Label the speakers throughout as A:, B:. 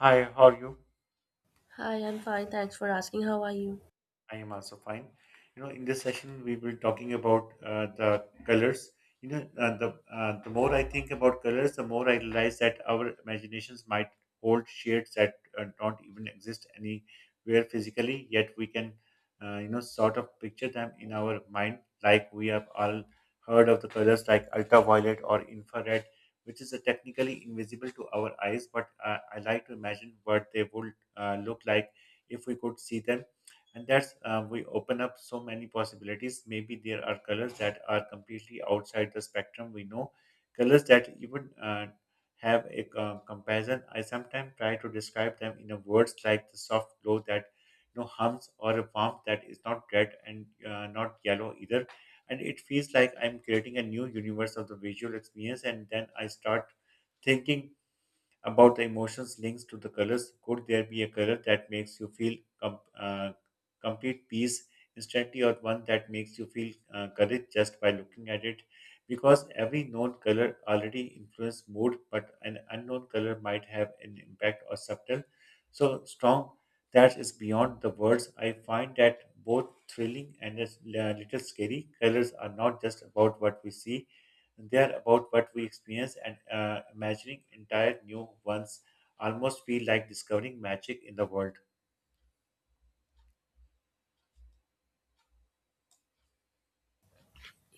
A: Hi, how are you?
B: Hi, I'm fine. Thanks for asking. How are you?
A: I am also fine. You know, in this session we were talking about the colors. The more I think about colors, the more I realize that our imaginations might hold shades that don't even exist anywhere physically. Yet we can, sort of picture them in our mind. Like we have all heard of the colors like ultraviolet or infrared, which is technically invisible to our eyes, but I like to imagine what they would look like if we could see them, and that's we open up so many possibilities. Maybe there are colors that are completely outside the spectrum we know, colors that even have a comparison. I sometimes try to describe them in a words like the soft glow that you know hums, or a warmth that is not red and not yellow either, and it feels like I'm creating a new universe of the visual experience. And then I start thinking about the emotions links to the colors. Could there be a color that makes you feel com- uh, complete peace instantly, or one that makes you feel courage just by looking at it? Because every known color already influences mood, but an unknown color might have an impact or subtle, so strong that is beyond the words. I find that both thrilling and a little scary. Colors are not just about what we see, they are about what we experience and imagining entire new ones. Almost feel like discovering magic in the world.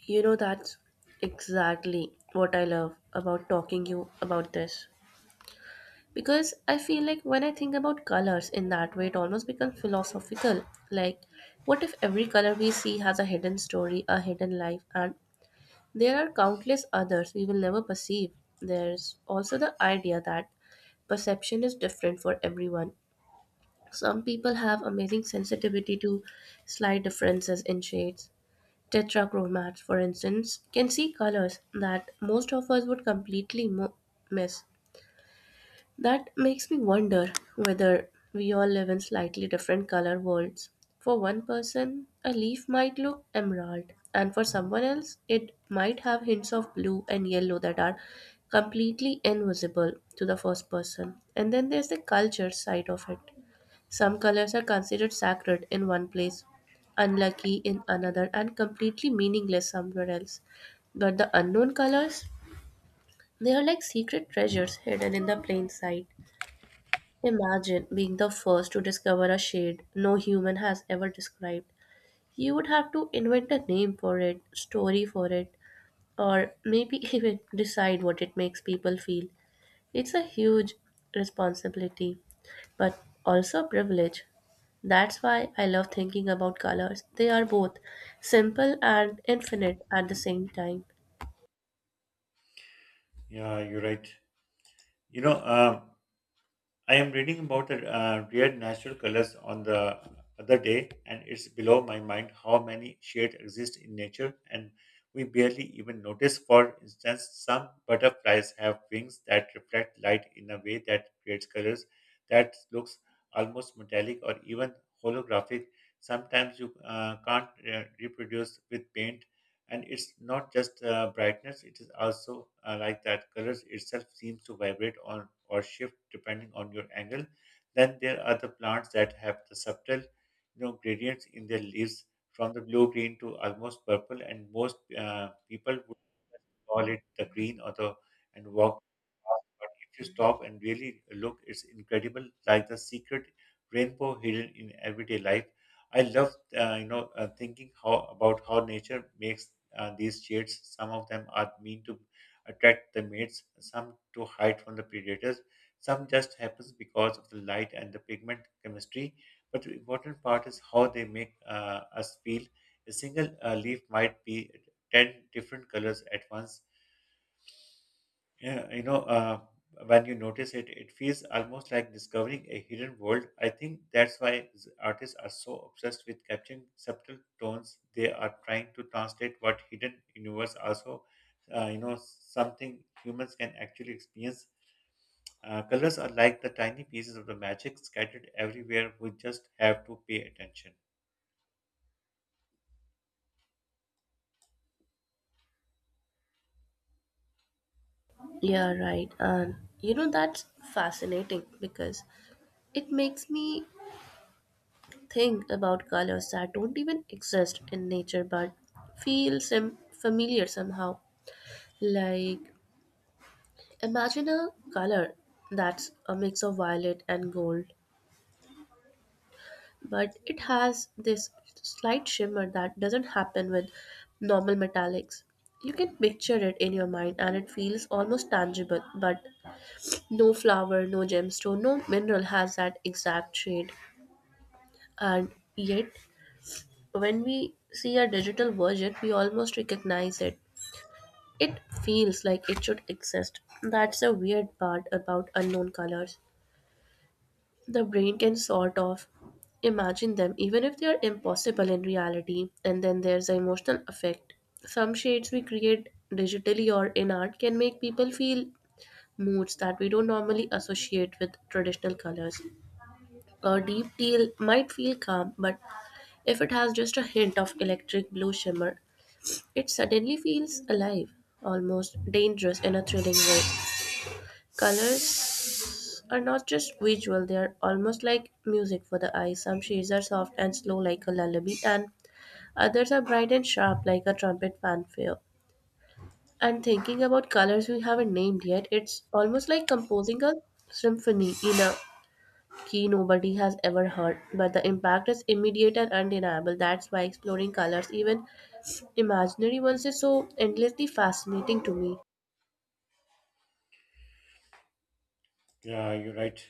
B: You know, that's exactly what I love about talking you about this. Because I feel like when I think about colors in that way, it almost becomes philosophical. Like, what if every color we see has a hidden story, a hidden life, and there are countless others we will never perceive? There's also the idea that perception is different for everyone. Some people have amazing sensitivity to slight differences in shades. Tetrachromats, for instance, can see colors that most of us would completely miss. That makes me wonder whether we all live in slightly different color worlds. For one person, a leaf might look emerald, and for someone else, it might have hints of blue and yellow that are completely invisible to the first person. And then there's the culture side of it. Some colors are considered sacred in one place, unlucky in another, and completely meaningless somewhere else. But the unknown colors, they are like secret treasures hidden in the plain sight. Imagine being the first to discover a shade no human has ever described. You would have to invent a name for it, story for it, or maybe even decide what it makes people feel. It's a huge responsibility, but also a privilege. That's why I love thinking about colors. They are both simple and infinite at the same time.
A: Yeah, you're right. You know, um, I am reading about rare natural colors on the other day, and it's below my mind how many shades exist in nature, and we barely even notice. For instance, some butterflies have wings that reflect light in a way that creates colors that looks almost metallic or even holographic. Sometimes you can't reproduce with paint, and it's not just brightness, it is also like that colors itself seems to vibrate on or shift depending on your angle. Then there are the plants that have the subtle, you know, gradients in their leaves from the blue green to almost purple, and most people call it the green or the and walk fast. But if you stop and really look, it's incredible, like the secret rainbow hidden in everyday life. I love, thinking how about how nature makes these shades. Some of them are mean to attract the mates, some to hide from the predators, some just happens because of the light and the pigment chemistry. But the important part is how they make us feel. A single leaf might be 10 different colors at once. Yeah, when you notice it, it feels almost like discovering a hidden world. I think that's why artists are so obsessed with capturing subtle tones. They are trying to translate what hidden universe also, something humans can actually experience. Colors are like the tiny pieces of the magic scattered everywhere. We just have to pay attention.
B: Yeah, right. And you know, that's fascinating because it makes me think about colors that don't even exist in nature but feel familiar somehow. Like, imagine a color that's a mix of violet and gold, but it has this slight shimmer that doesn't happen with normal metallics. You can picture it in your mind and it feels almost tangible, but no flower, no gemstone, no mineral has that exact shade. And yet, when we see a digital version, we almost recognize it. It feels like it should exist. That's the weird part about unknown colors. The brain can sort of imagine them even if they are impossible in reality. And then there's the emotional effect. Some shades we create digitally or in art can make people feel moods that we don't normally associate with traditional colors. A deep teal might feel calm, but if it has just a hint of electric blue shimmer, it suddenly feels alive, almost dangerous in a thrilling way. Colors are not just visual, they are almost like music for the eyes. Some shades are soft and slow, like a lullaby, and others are bright and sharp, like a trumpet fanfare. And thinking about colors we haven't named yet, it's almost like composing a symphony in a key nobody has ever heard. But the impact is immediate and undeniable. That's why exploring colors, even imaginary ones, is so endlessly fascinating to me.
A: Yeah, you're right.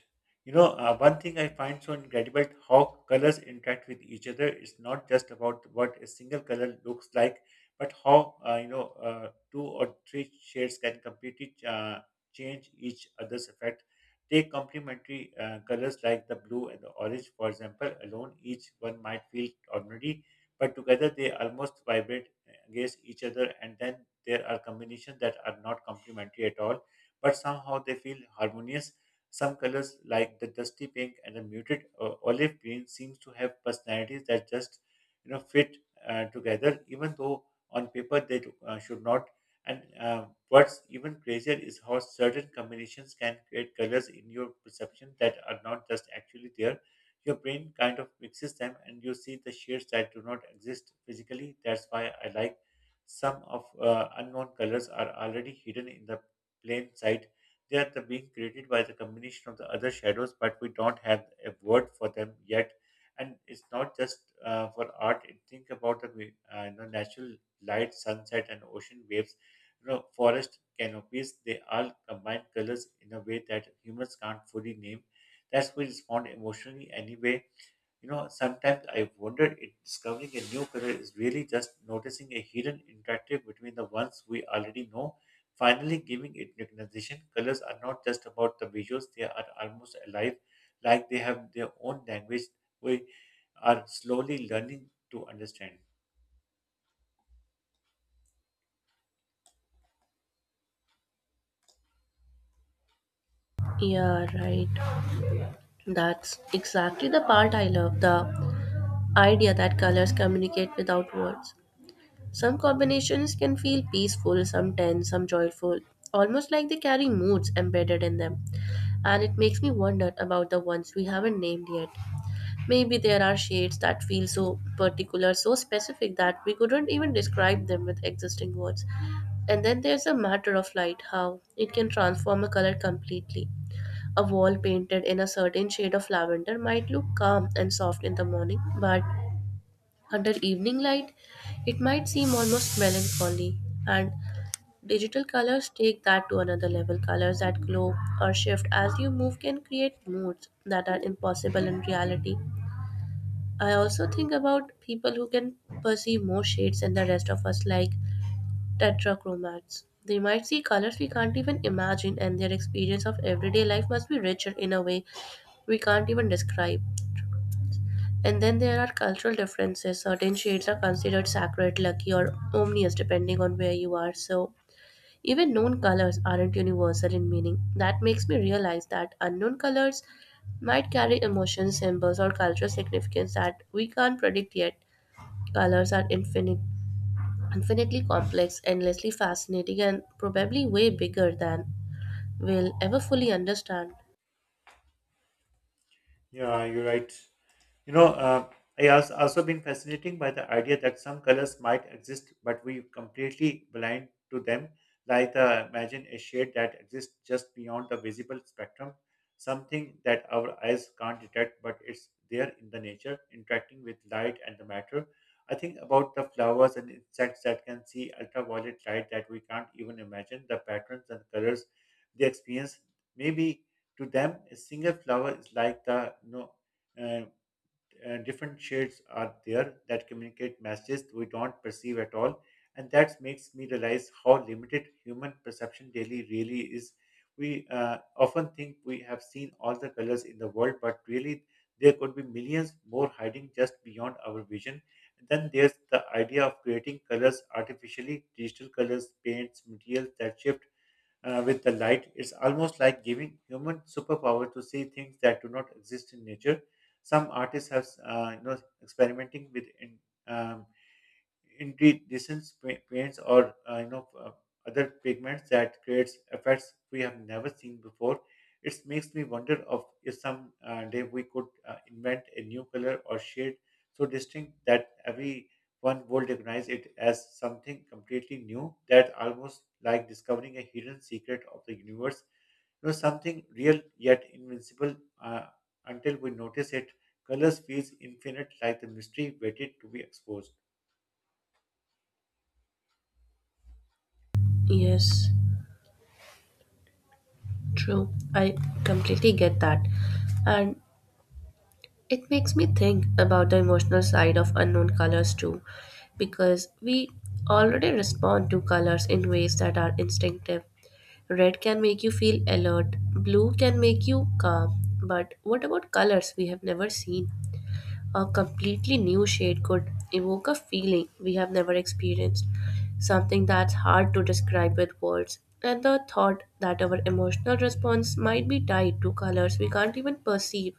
A: One thing I find so incredible how colors interact with each other. It's not just about what a single color looks like, but how two or three shades can completely change each other's effect. Take complementary colors like the blue and the orange, for example. Alone, each one might feel ordinary, but together they almost vibrate against each other. And then there are combinations that are not complementary at all, but somehow they feel harmonious. Some colors like the dusty pink and the muted olive green seems to have personalities that just, you know, fit together, even though on paper they should not. And what's even crazier is how certain combinations can create colors in your perception that are not just actually there. Your brain kind of mixes them, and you see the shades that do not exist physically. That's why I like some of unknown colors are already hidden in the plain sight. They are the being created by the combination of the other shadows, but we don't have a word for them yet. And it's not just for art. It- Think about the natural light, sunset, and ocean waves. You know, forest canopies. They all combine colors in a way that humans can't fully name. That's we respond emotionally anyway. You know, sometimes I've wondered if discovering a new career is really just noticing a hidden interactive between the ones we already know, finally giving it recognition. Colors are not just about the visuals, they are almost alive, like they have their own language we are slowly learning to understand.
B: Yeah, right. That's exactly the part I love, the idea that colors communicate without words. Some combinations can feel peaceful, some tense, some joyful, almost like they carry moods embedded in them. And it makes me wonder about the ones we haven't named yet. Maybe there are shades that feel so particular, so specific that we couldn't even describe them with existing words. And then there's the matter of light, how it can transform a color completely. A wall painted in a certain shade of lavender might look calm and soft in the morning, but under evening light, it might seem almost melancholy, and digital colors take that to another level. Colors that glow or shift as you move can create moods that are impossible in reality. I also think about people who can perceive more shades than the rest of us, like tetrachromats. They might see colors we can't even imagine, and their experience of everyday life must be richer in a way we can't even describe. And then there are cultural differences. Certain shades are considered sacred, lucky, or omnious depending on where you are. So, even known colors aren't universal in meaning. That makes me realize that unknown colors might carry emotions, symbols, or cultural significance that we can't predict yet. Colors are infinite, infinitely complex, endlessly fascinating, and probably way bigger than we'll ever fully understand.
A: Yeah, you're right. You know, uh, I has also been fascinating by the idea that some colors might exist, but we completely blind to them. Like imagine a shade that exists just beyond the visible spectrum, something that our eyes can't detect, but it's there in the nature, interacting with light and the matter. I think about the flowers and insects that can see ultraviolet light that we can't even imagine. The patterns and colors they experience, maybe to them, a single flower is like the no. Uh, Different shades are there that communicate messages we don't perceive at all, and that makes me realize how limited human perception daily really is. We often think we have seen all the colors in the world, but really there could be millions more hiding just beyond our vision. And then there's the idea of creating colors artificially, digital colors, paints, materials that shift with the light. It's almost like giving human superpower to see things that do not exist in nature. Some artists have, experimenting with um, indeed decent paints or other pigments that creates effects we have never seen before. It makes me wonder of if some day we could invent a new color or shade so distinct that everyone would recognize it as something completely new, that almost like discovering a hidden secret of the universe, you know, something real yet invincible uh, until we notice it. Colors feels infinite like the mystery waited to be exposed.
B: Yes, true. I completely get that. And it makes me think about the emotional side of unknown colors too, because we already respond to colors in ways that are instinctive. Red can make you feel alert, blue can make you calm, but what about colors we have never seen? A completely new shade could evoke a feeling we have never experienced, something that's hard to describe with words. And the thought that our emotional response might be tied to colors we can't even perceive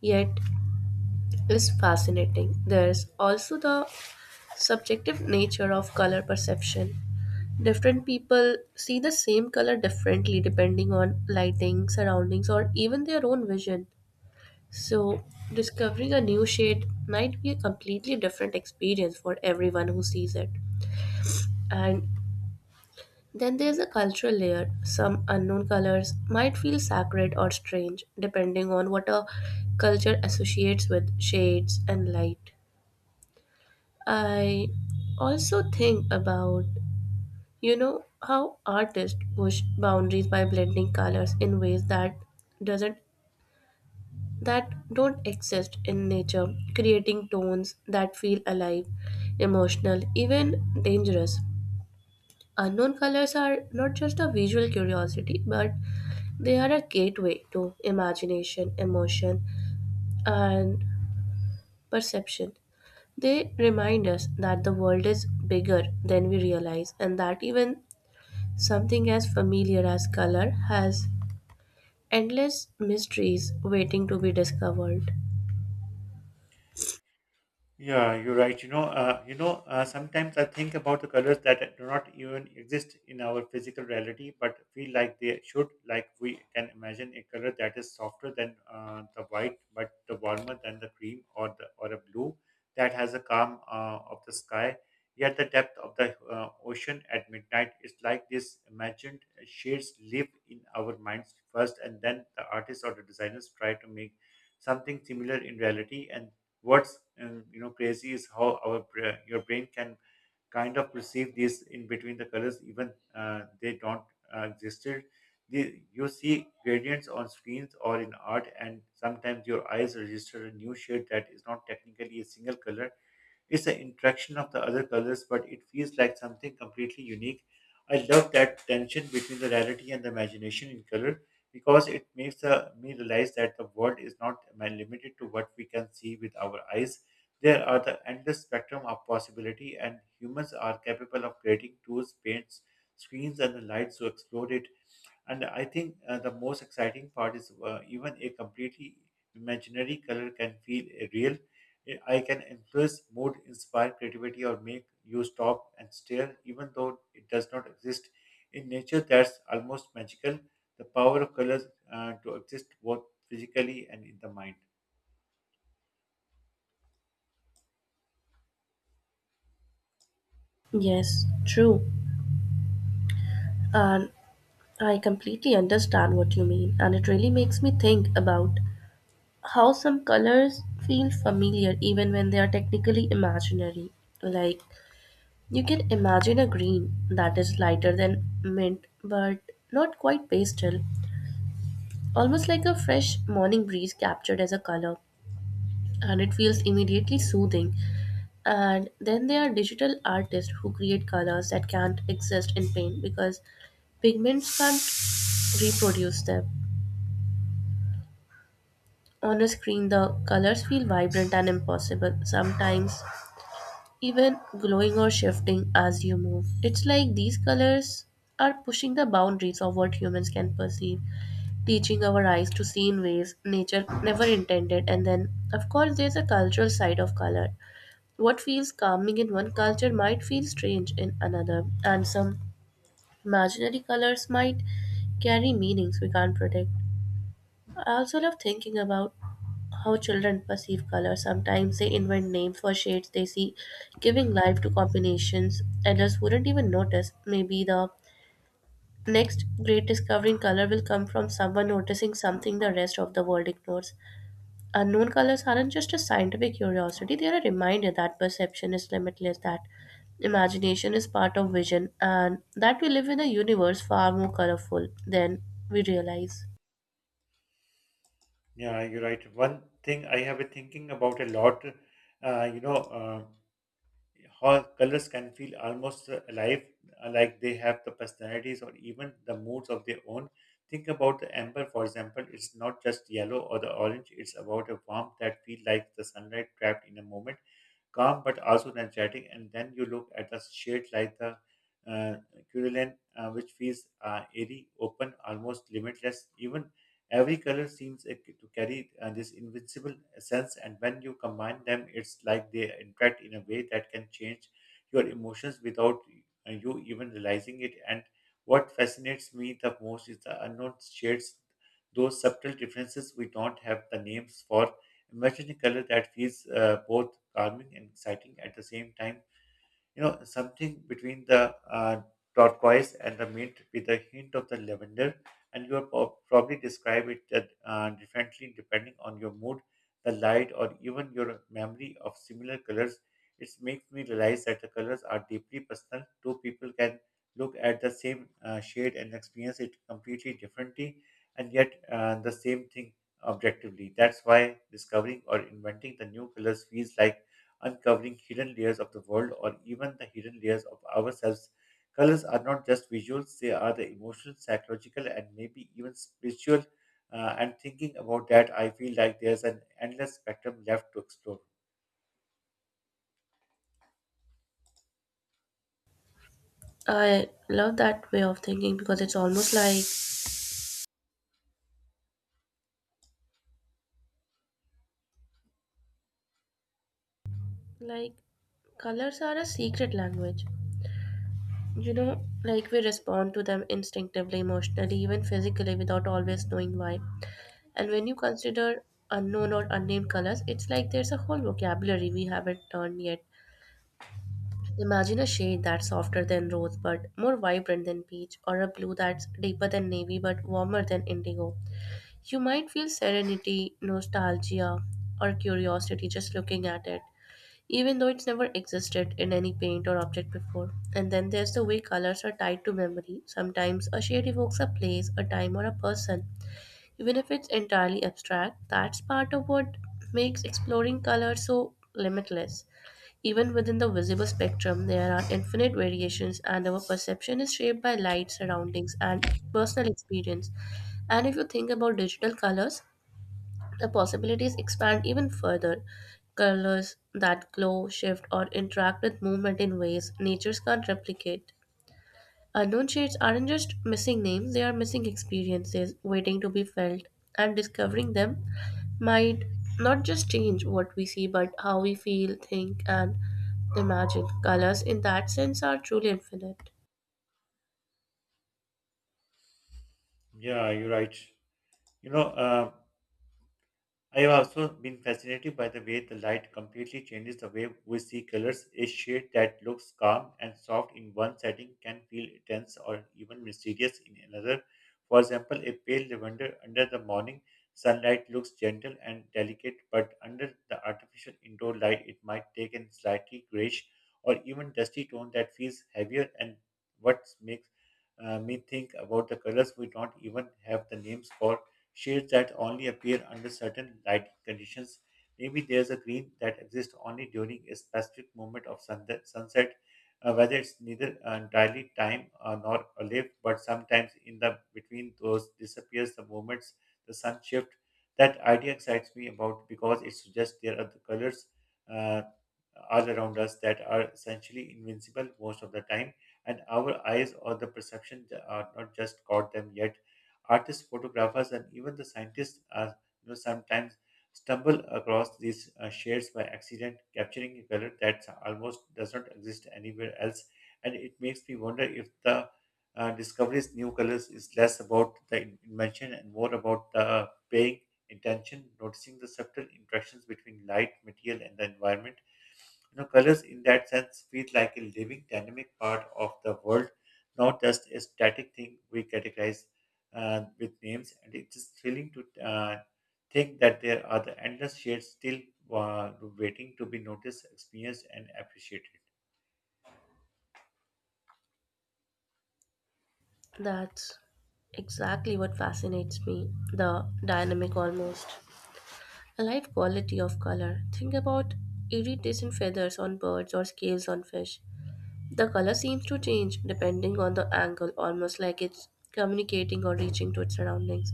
B: yet is fascinating. There's also the subjective nature of color perception. Different people see the same color differently depending on lighting, surroundings, or even their own vision. So, discovering a new shade might be a completely different experience for everyone who sees it. And then there's a cultural layer. Some unknown colors might feel sacred or strange depending on what a culture associates with shades and light. I also think about, you know, how artists push boundaries by blending colors in ways that doesn't that don't exist in nature, creating tones that feel alive, emotional, even dangerous. Unknown colors are not just a visual curiosity, but they are a gateway to imagination, emotion, and perception. They remind us that the world is bigger than we realize and that even something as familiar as color has endless mysteries waiting to be discovered.
A: Yeah, you're right. Sometimes I think about the colors that do not even exist in our physical reality, but feel like they should. Like we can imagine a color that is softer than the white, but the warmer than the cream, or the or a blue that has a calm of the sky. Yet the depth of the ocean at midnight is like this imagined shades live in our minds first, and then the artists or the designers try to make something similar in reality, and what's crazy is how our your brain can kind of perceive these in between the colors even they don't existed. The, you see gradients on screens or in art, and sometimes your eyes register a new shade that is not technically a single color, it's an interaction of the other colors, but it feels like something completely unique. I love that tension between the reality and the imagination in color, because it makes me realize that the world is not limited to what we can see with our eyes. There are the endless spectrum of possibility, and humans are capable of creating tools, paints, screens, and the lights to explore it. And I think the most exciting part is even a completely imaginary color can feel real. Eh, I can influence mood, inspire creativity, or make you stop and stare, even though it does not exist. In nature, that's almost magical, the power of colors to exist both physically and in the mind.
B: Yes, true. And I completely understand what you mean. And it really makes me think about how some colors feel familiar even when they are technically imaginary. Like, you can imagine a green that is lighter than mint but not quite pastel, almost like a fresh morning breeze captured as a color. And it feels immediately soothing. And then there are digital artists who create colors that can't exist in paint because pigments can't reproduce them. On a screen, the colors feel vibrant and impossible, sometimes even glowing or shifting as you move. It's like these colors are pushing the boundaries of what humans can perceive, teaching our eyes to see in ways nature never intended. And then, of course, there's a cultural side of color. What feels calming in one culture might feel strange in another, and some imaginary colors might carry meanings we can't predict. I also love thinking about how children perceive color. Sometimes they invent names for shades they see, giving life to combinations adults wouldn't even notice. Maybe the next great discovery in color will come from someone noticing something the rest of the world ignores. Unknown colors aren't just a scientific curiosity, they are a reminder that perception is limitless, that imagination is part of vision, and that we live in a universe far more colorful than we realize.
A: Yeah, you're right. One thing I have been thinking about a lot, uh, you know. uh, how colors can feel almost alive, like they have the personalities or even the moods of their own. Think about the amber, for example. It's not just yellow or the orange. It's about a warmth that feels like the sunlight trapped in a moment, calm but also energetic. And then you look at the shade like the uh, Curulin, which feels airy, open, almost limitless. Even every color seems to carry this invincible essence, and when you combine them, it's like they interact in a way that can change your emotions without you even realizing it. And what fascinates me the most is the unknown shades, those subtle differences we don't have the names for. Imagine a color that feels both calming and exciting at the same time, you know, something between the turquoise and the mint with a hint of the lavender, and you will probably describe it differently depending on your mood, the light, or even your memory of similar colors. It makes me realize that the colors are deeply personal. Two people can look at the same shade and experience it completely differently, and yet the same thing objectively. That's why discovering or inventing the new colors feels like uncovering hidden layers of the world or even the hidden layers of ourselves. Colors are not just visuals, they are the emotional, psychological, and maybe even spiritual. And thinking about that, I feel like there's an endless spectrum left to explore.
B: I love that way of thinking because it's almost like like colors are a secret language. You know, like we respond to them instinctively, emotionally, even physically without always knowing why. And when you consider unknown or unnamed colors, it's like there's a whole vocabulary we haven't learned yet. Imagine a shade that's softer than rosebud, more vibrant than peach, or a blue that's deeper than navy but warmer than indigo. You might feel serenity, nostalgia, or curiosity just looking at it, even though it's never existed in any paint or object before. And then there's the way colors are tied to memory. Sometimes a shade evokes a place, a time, or a person, even if it's entirely abstract. That's part of what makes exploring color so limitless. Even within the visible spectrum, there are infinite variations, and our perception is shaped by light, surroundings, and personal experience. And if you think about digital colors, the possibilities expand even further. Colors that glow, shift, or interact with movement in ways natures can't replicate. Unknown shades aren't just missing names, they are missing experiences waiting to be felt, and discovering them might not just change what we see, but how we feel, think, and imagine. Colors, in that sense, are truly infinite.
A: Yeah, you're right. You know, um, I have also been fascinated by the way the light completely changes the way we see colors. A shade that looks calm and soft in one setting can feel intense or even mysterious in another. For example, a pale lavender under the morning sunlight looks gentle and delicate, but under the artificial indoor light, it might take a slightly grayish or even dusty tone that feels heavier. And what makes me think about the colors we don't even have the names for shades that only appear under certain lighting conditions. Maybe there's a green that exists only during a specific moment of sunset, whether it's neither entirely time nor a lift, but sometimes in the between those disappears the moments the sun shift. That idea excites me about because it suggests there are the colors uh, all around us that are essentially invincible most of the time, and our eyes or the perception are not just caught them yet. Artists, photographers, and even the scientists are, sometimes stumble across these shades by accident, capturing a color that almost does not exist anywhere else. And it makes me wonder if the discovery's new colors is less about the invention and more about the paying attention, noticing the subtle interactions between light, material, and the environment. You know, colors in that sense feel like a living, dynamic part of the world, not just a static thing we categorize with names. And it is thrilling to think that there are the endless shades still waiting to be noticed, experienced, and appreciated.
B: That's exactly what fascinates me, the dynamic almost. A life quality of color. Think about iridescent feathers on birds or scales on fish. The color seems to change depending on the angle, almost like it's communicating or reaching to its surroundings.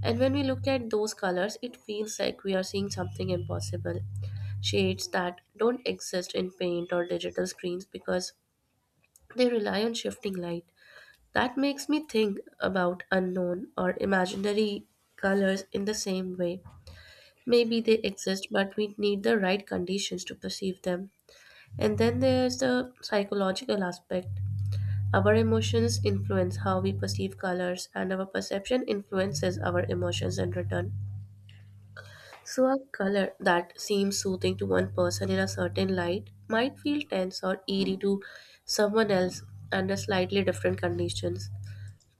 B: And when we look at those colors, it feels like we are seeing something impossible. Shades that don't exist in paint or digital screens because they rely on shifting light. That makes me think about unknown or imaginary colors in the same way. Maybe they exist, but we need the right conditions to perceive them. And then there's the psychological aspect. Our emotions influence how we perceive colors, and our perception influences our emotions in return. So, a color that seems soothing to one person in a certain light might feel tense or eerie to someone else under slightly different conditions.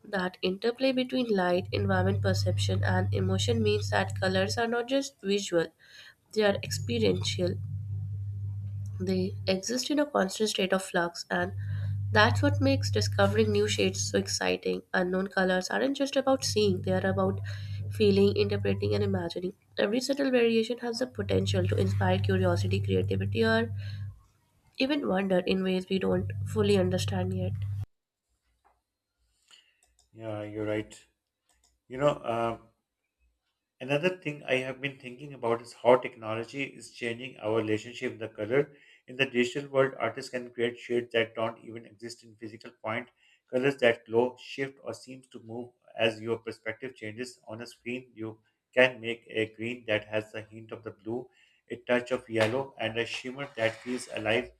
B: That interplay between light, environment perception, and emotion means that colors are not just visual, they are experiential. They exist in a constant state of flux, and that's what makes discovering new shades so exciting. Unknown colors aren't just about seeing, they are about feeling, interpreting, and imagining. Every subtle variation has the potential to inspire curiosity, creativity, or even wonder in ways we don't fully understand yet.
A: Yeah, you're right. You know. Um, Another thing I have been thinking about is how technology is changing our relationship with the color. In the digital world, artists can create shades that don't even exist in physical point, colors that glow, shift, or seems to move as your perspective changes. On a screen, you can make a green that has a hint of the blue, a touch of yellow, and a shimmer that feels alive,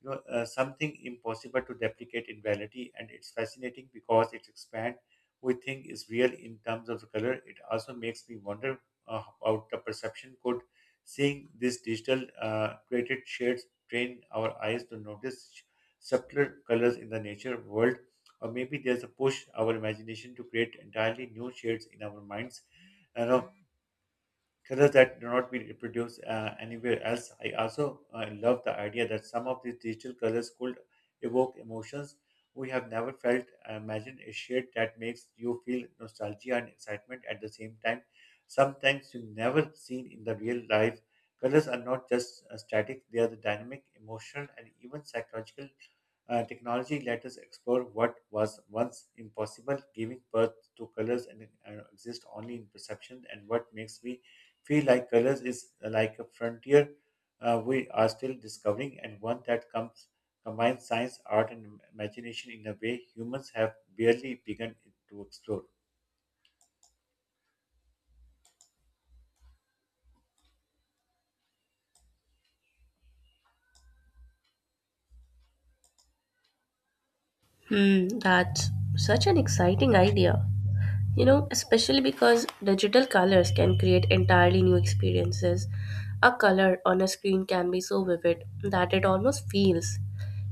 A: something impossible to replicate in reality. And it's fascinating because it expands we think is real in terms of the color. It also makes me wonder about the perception. Could seeing these digital created shades train our eyes to notice subtler colors in the nature world? Or maybe there's a push our imagination to create entirely new shades in our minds. You know, colors that do not be reproduced anywhere else. I also love the idea that some of these digital colors could evoke emotions we have never felt. Imagine a shade that makes you feel nostalgia and excitement at the same time. Sometimes you never seen in the real life. Colors are not just static; they are the dynamic, emotional, and even psychological. Technology let us explore what was once impossible, giving birth to colors and exist only in perception. And what makes me feel like colors is like a frontier we are still discovering, and one that comes combines science, art, and imagination in a way humans have barely begun to explore.
B: Hmm, that's such an exciting idea. You know, especially because digital colors can create entirely new experiences. A color on a screen can be so vivid that it almost feels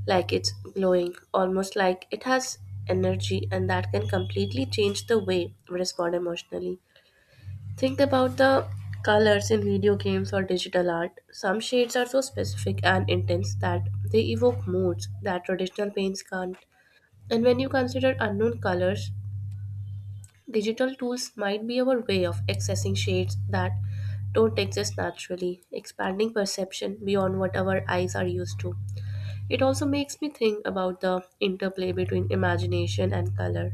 B: like it's glowing, almost like it has energy, and that can completely change the way we respond emotionally. Think about the colors in video games or digital art. Some shades are so specific and intense that they evoke moods that traditional paints can't. And when you consider unknown colors, digital tools might be our way of accessing shades that don't exist naturally, expanding perception beyond what our eyes are used to. It also makes me think about the interplay between imagination and color.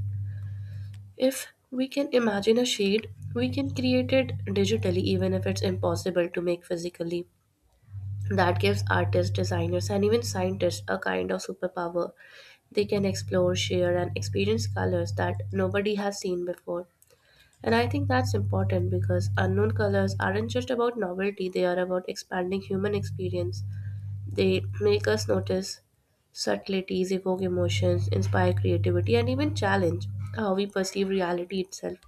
B: If we can imagine a shade, we can create it digitally, even if it's impossible to make physically. That gives artists, designers, and even scientists a kind of superpower. They can explore, share, and experience colors that nobody has seen before. And I think that's important because unknown colors aren't just about novelty, they are about expanding human experience. They make us notice subtleties, evoke emotions, inspire creativity, and even challenge how we perceive reality itself.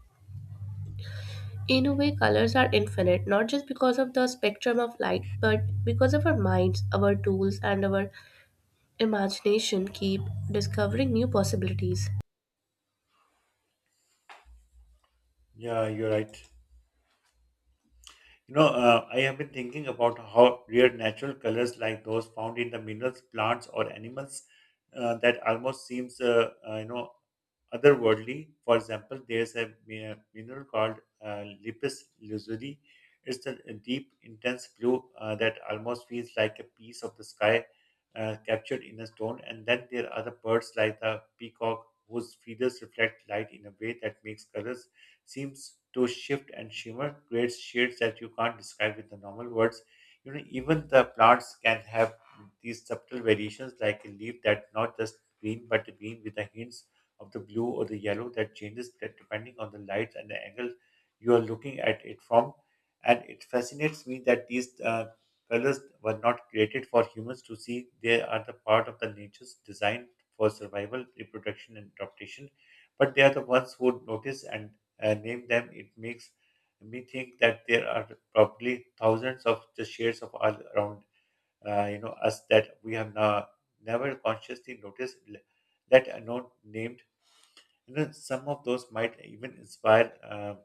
B: In a way, colors are infinite, not just because of the spectrum of light, but because of our minds, our tools, and our imagination keep discovering new possibilities.
A: Yeah, you're right. I have been thinking about how rare natural colors like those found in the minerals, plants, or animals that almost seems, otherworldly. For example, there's a mineral called Lipis lazuli. It's a deep, intense blue that almost feels like a piece of the sky captured in a stone. And then there are the birds like the peacock, whose feathers reflect light in a way that makes colors seems to shift and shimmer, creates shades that you can't describe with the normal words. You know, even the plants can have these subtle variations, like a leaf that's not just green but green with the hints of the blue or the yellow that changes depending on the lights and the angle you are looking at it from. And it fascinates me that these colors were not created for humans to see. They are the part of the nature's design for survival, reproduction, and adaptation. But they are the ones who notice and name them. It makes me think that there are probably thousands of the shades of all around us that we have now never consciously noticed, let alone named. You know, some of those might even inspire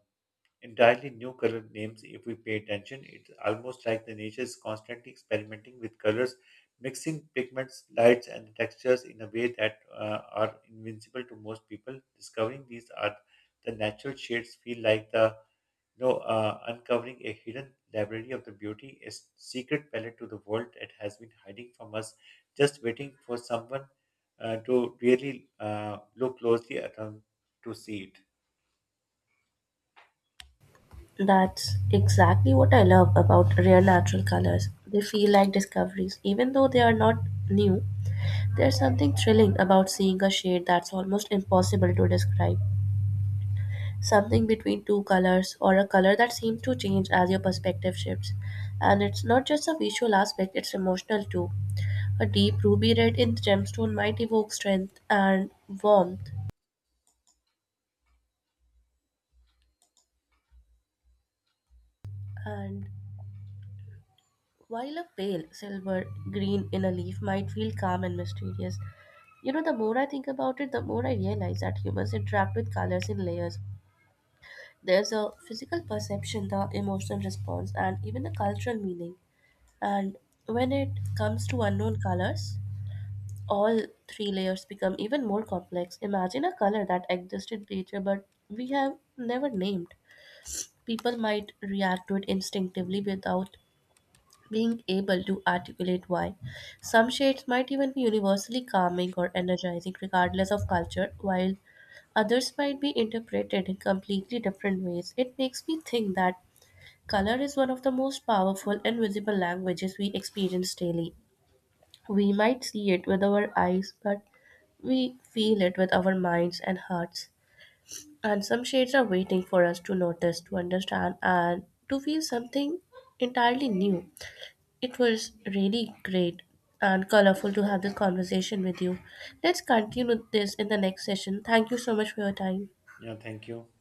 A: entirely new color names if we pay attention. It's almost like the nature is constantly experimenting with colors, mixing pigments, lights, and textures in a way that are invincible to most people. Discovering these are the natural shades feel like the, uncovering a hidden library of the beauty, a secret palette to the world that has been hiding from us, just waiting for someone to really look closely at them to see it.
B: That's exactly what I love about rare natural colors. They feel like discoveries. Even though they are not new, there's something thrilling about seeing a shade that's almost impossible to describe. Something between two colors or a color that seems to change as your perspective shifts. And it's not just a visual aspect, it's emotional too. A deep ruby red in gemstone might evoke strength and warmth, and while a pale silver green in a leaf might feel calm and mysterious, you know, the more I think about it, the more I realize that humans interact with colors in layers. There's a physical perception, the emotional response, and even the cultural meaning. And when it comes to unknown colors, all three layers become even more complex. Imagine a color that exists in nature but we have never named. People might react to it instinctively without being able to articulate why. Some shades might even be universally calming or energizing, regardless of culture, while others might be interpreted in completely different ways. It makes me think that color is one of the most powerful and visible languages we experience daily. We might see it with our eyes, but we feel it with our minds and hearts. And some shades are waiting for us to notice, to understand, and to feel something entirely new. It was really great and colorful to have this conversation with you. Let's continue this in the next session. Thank you so much for your time.
A: Yeah, thank you.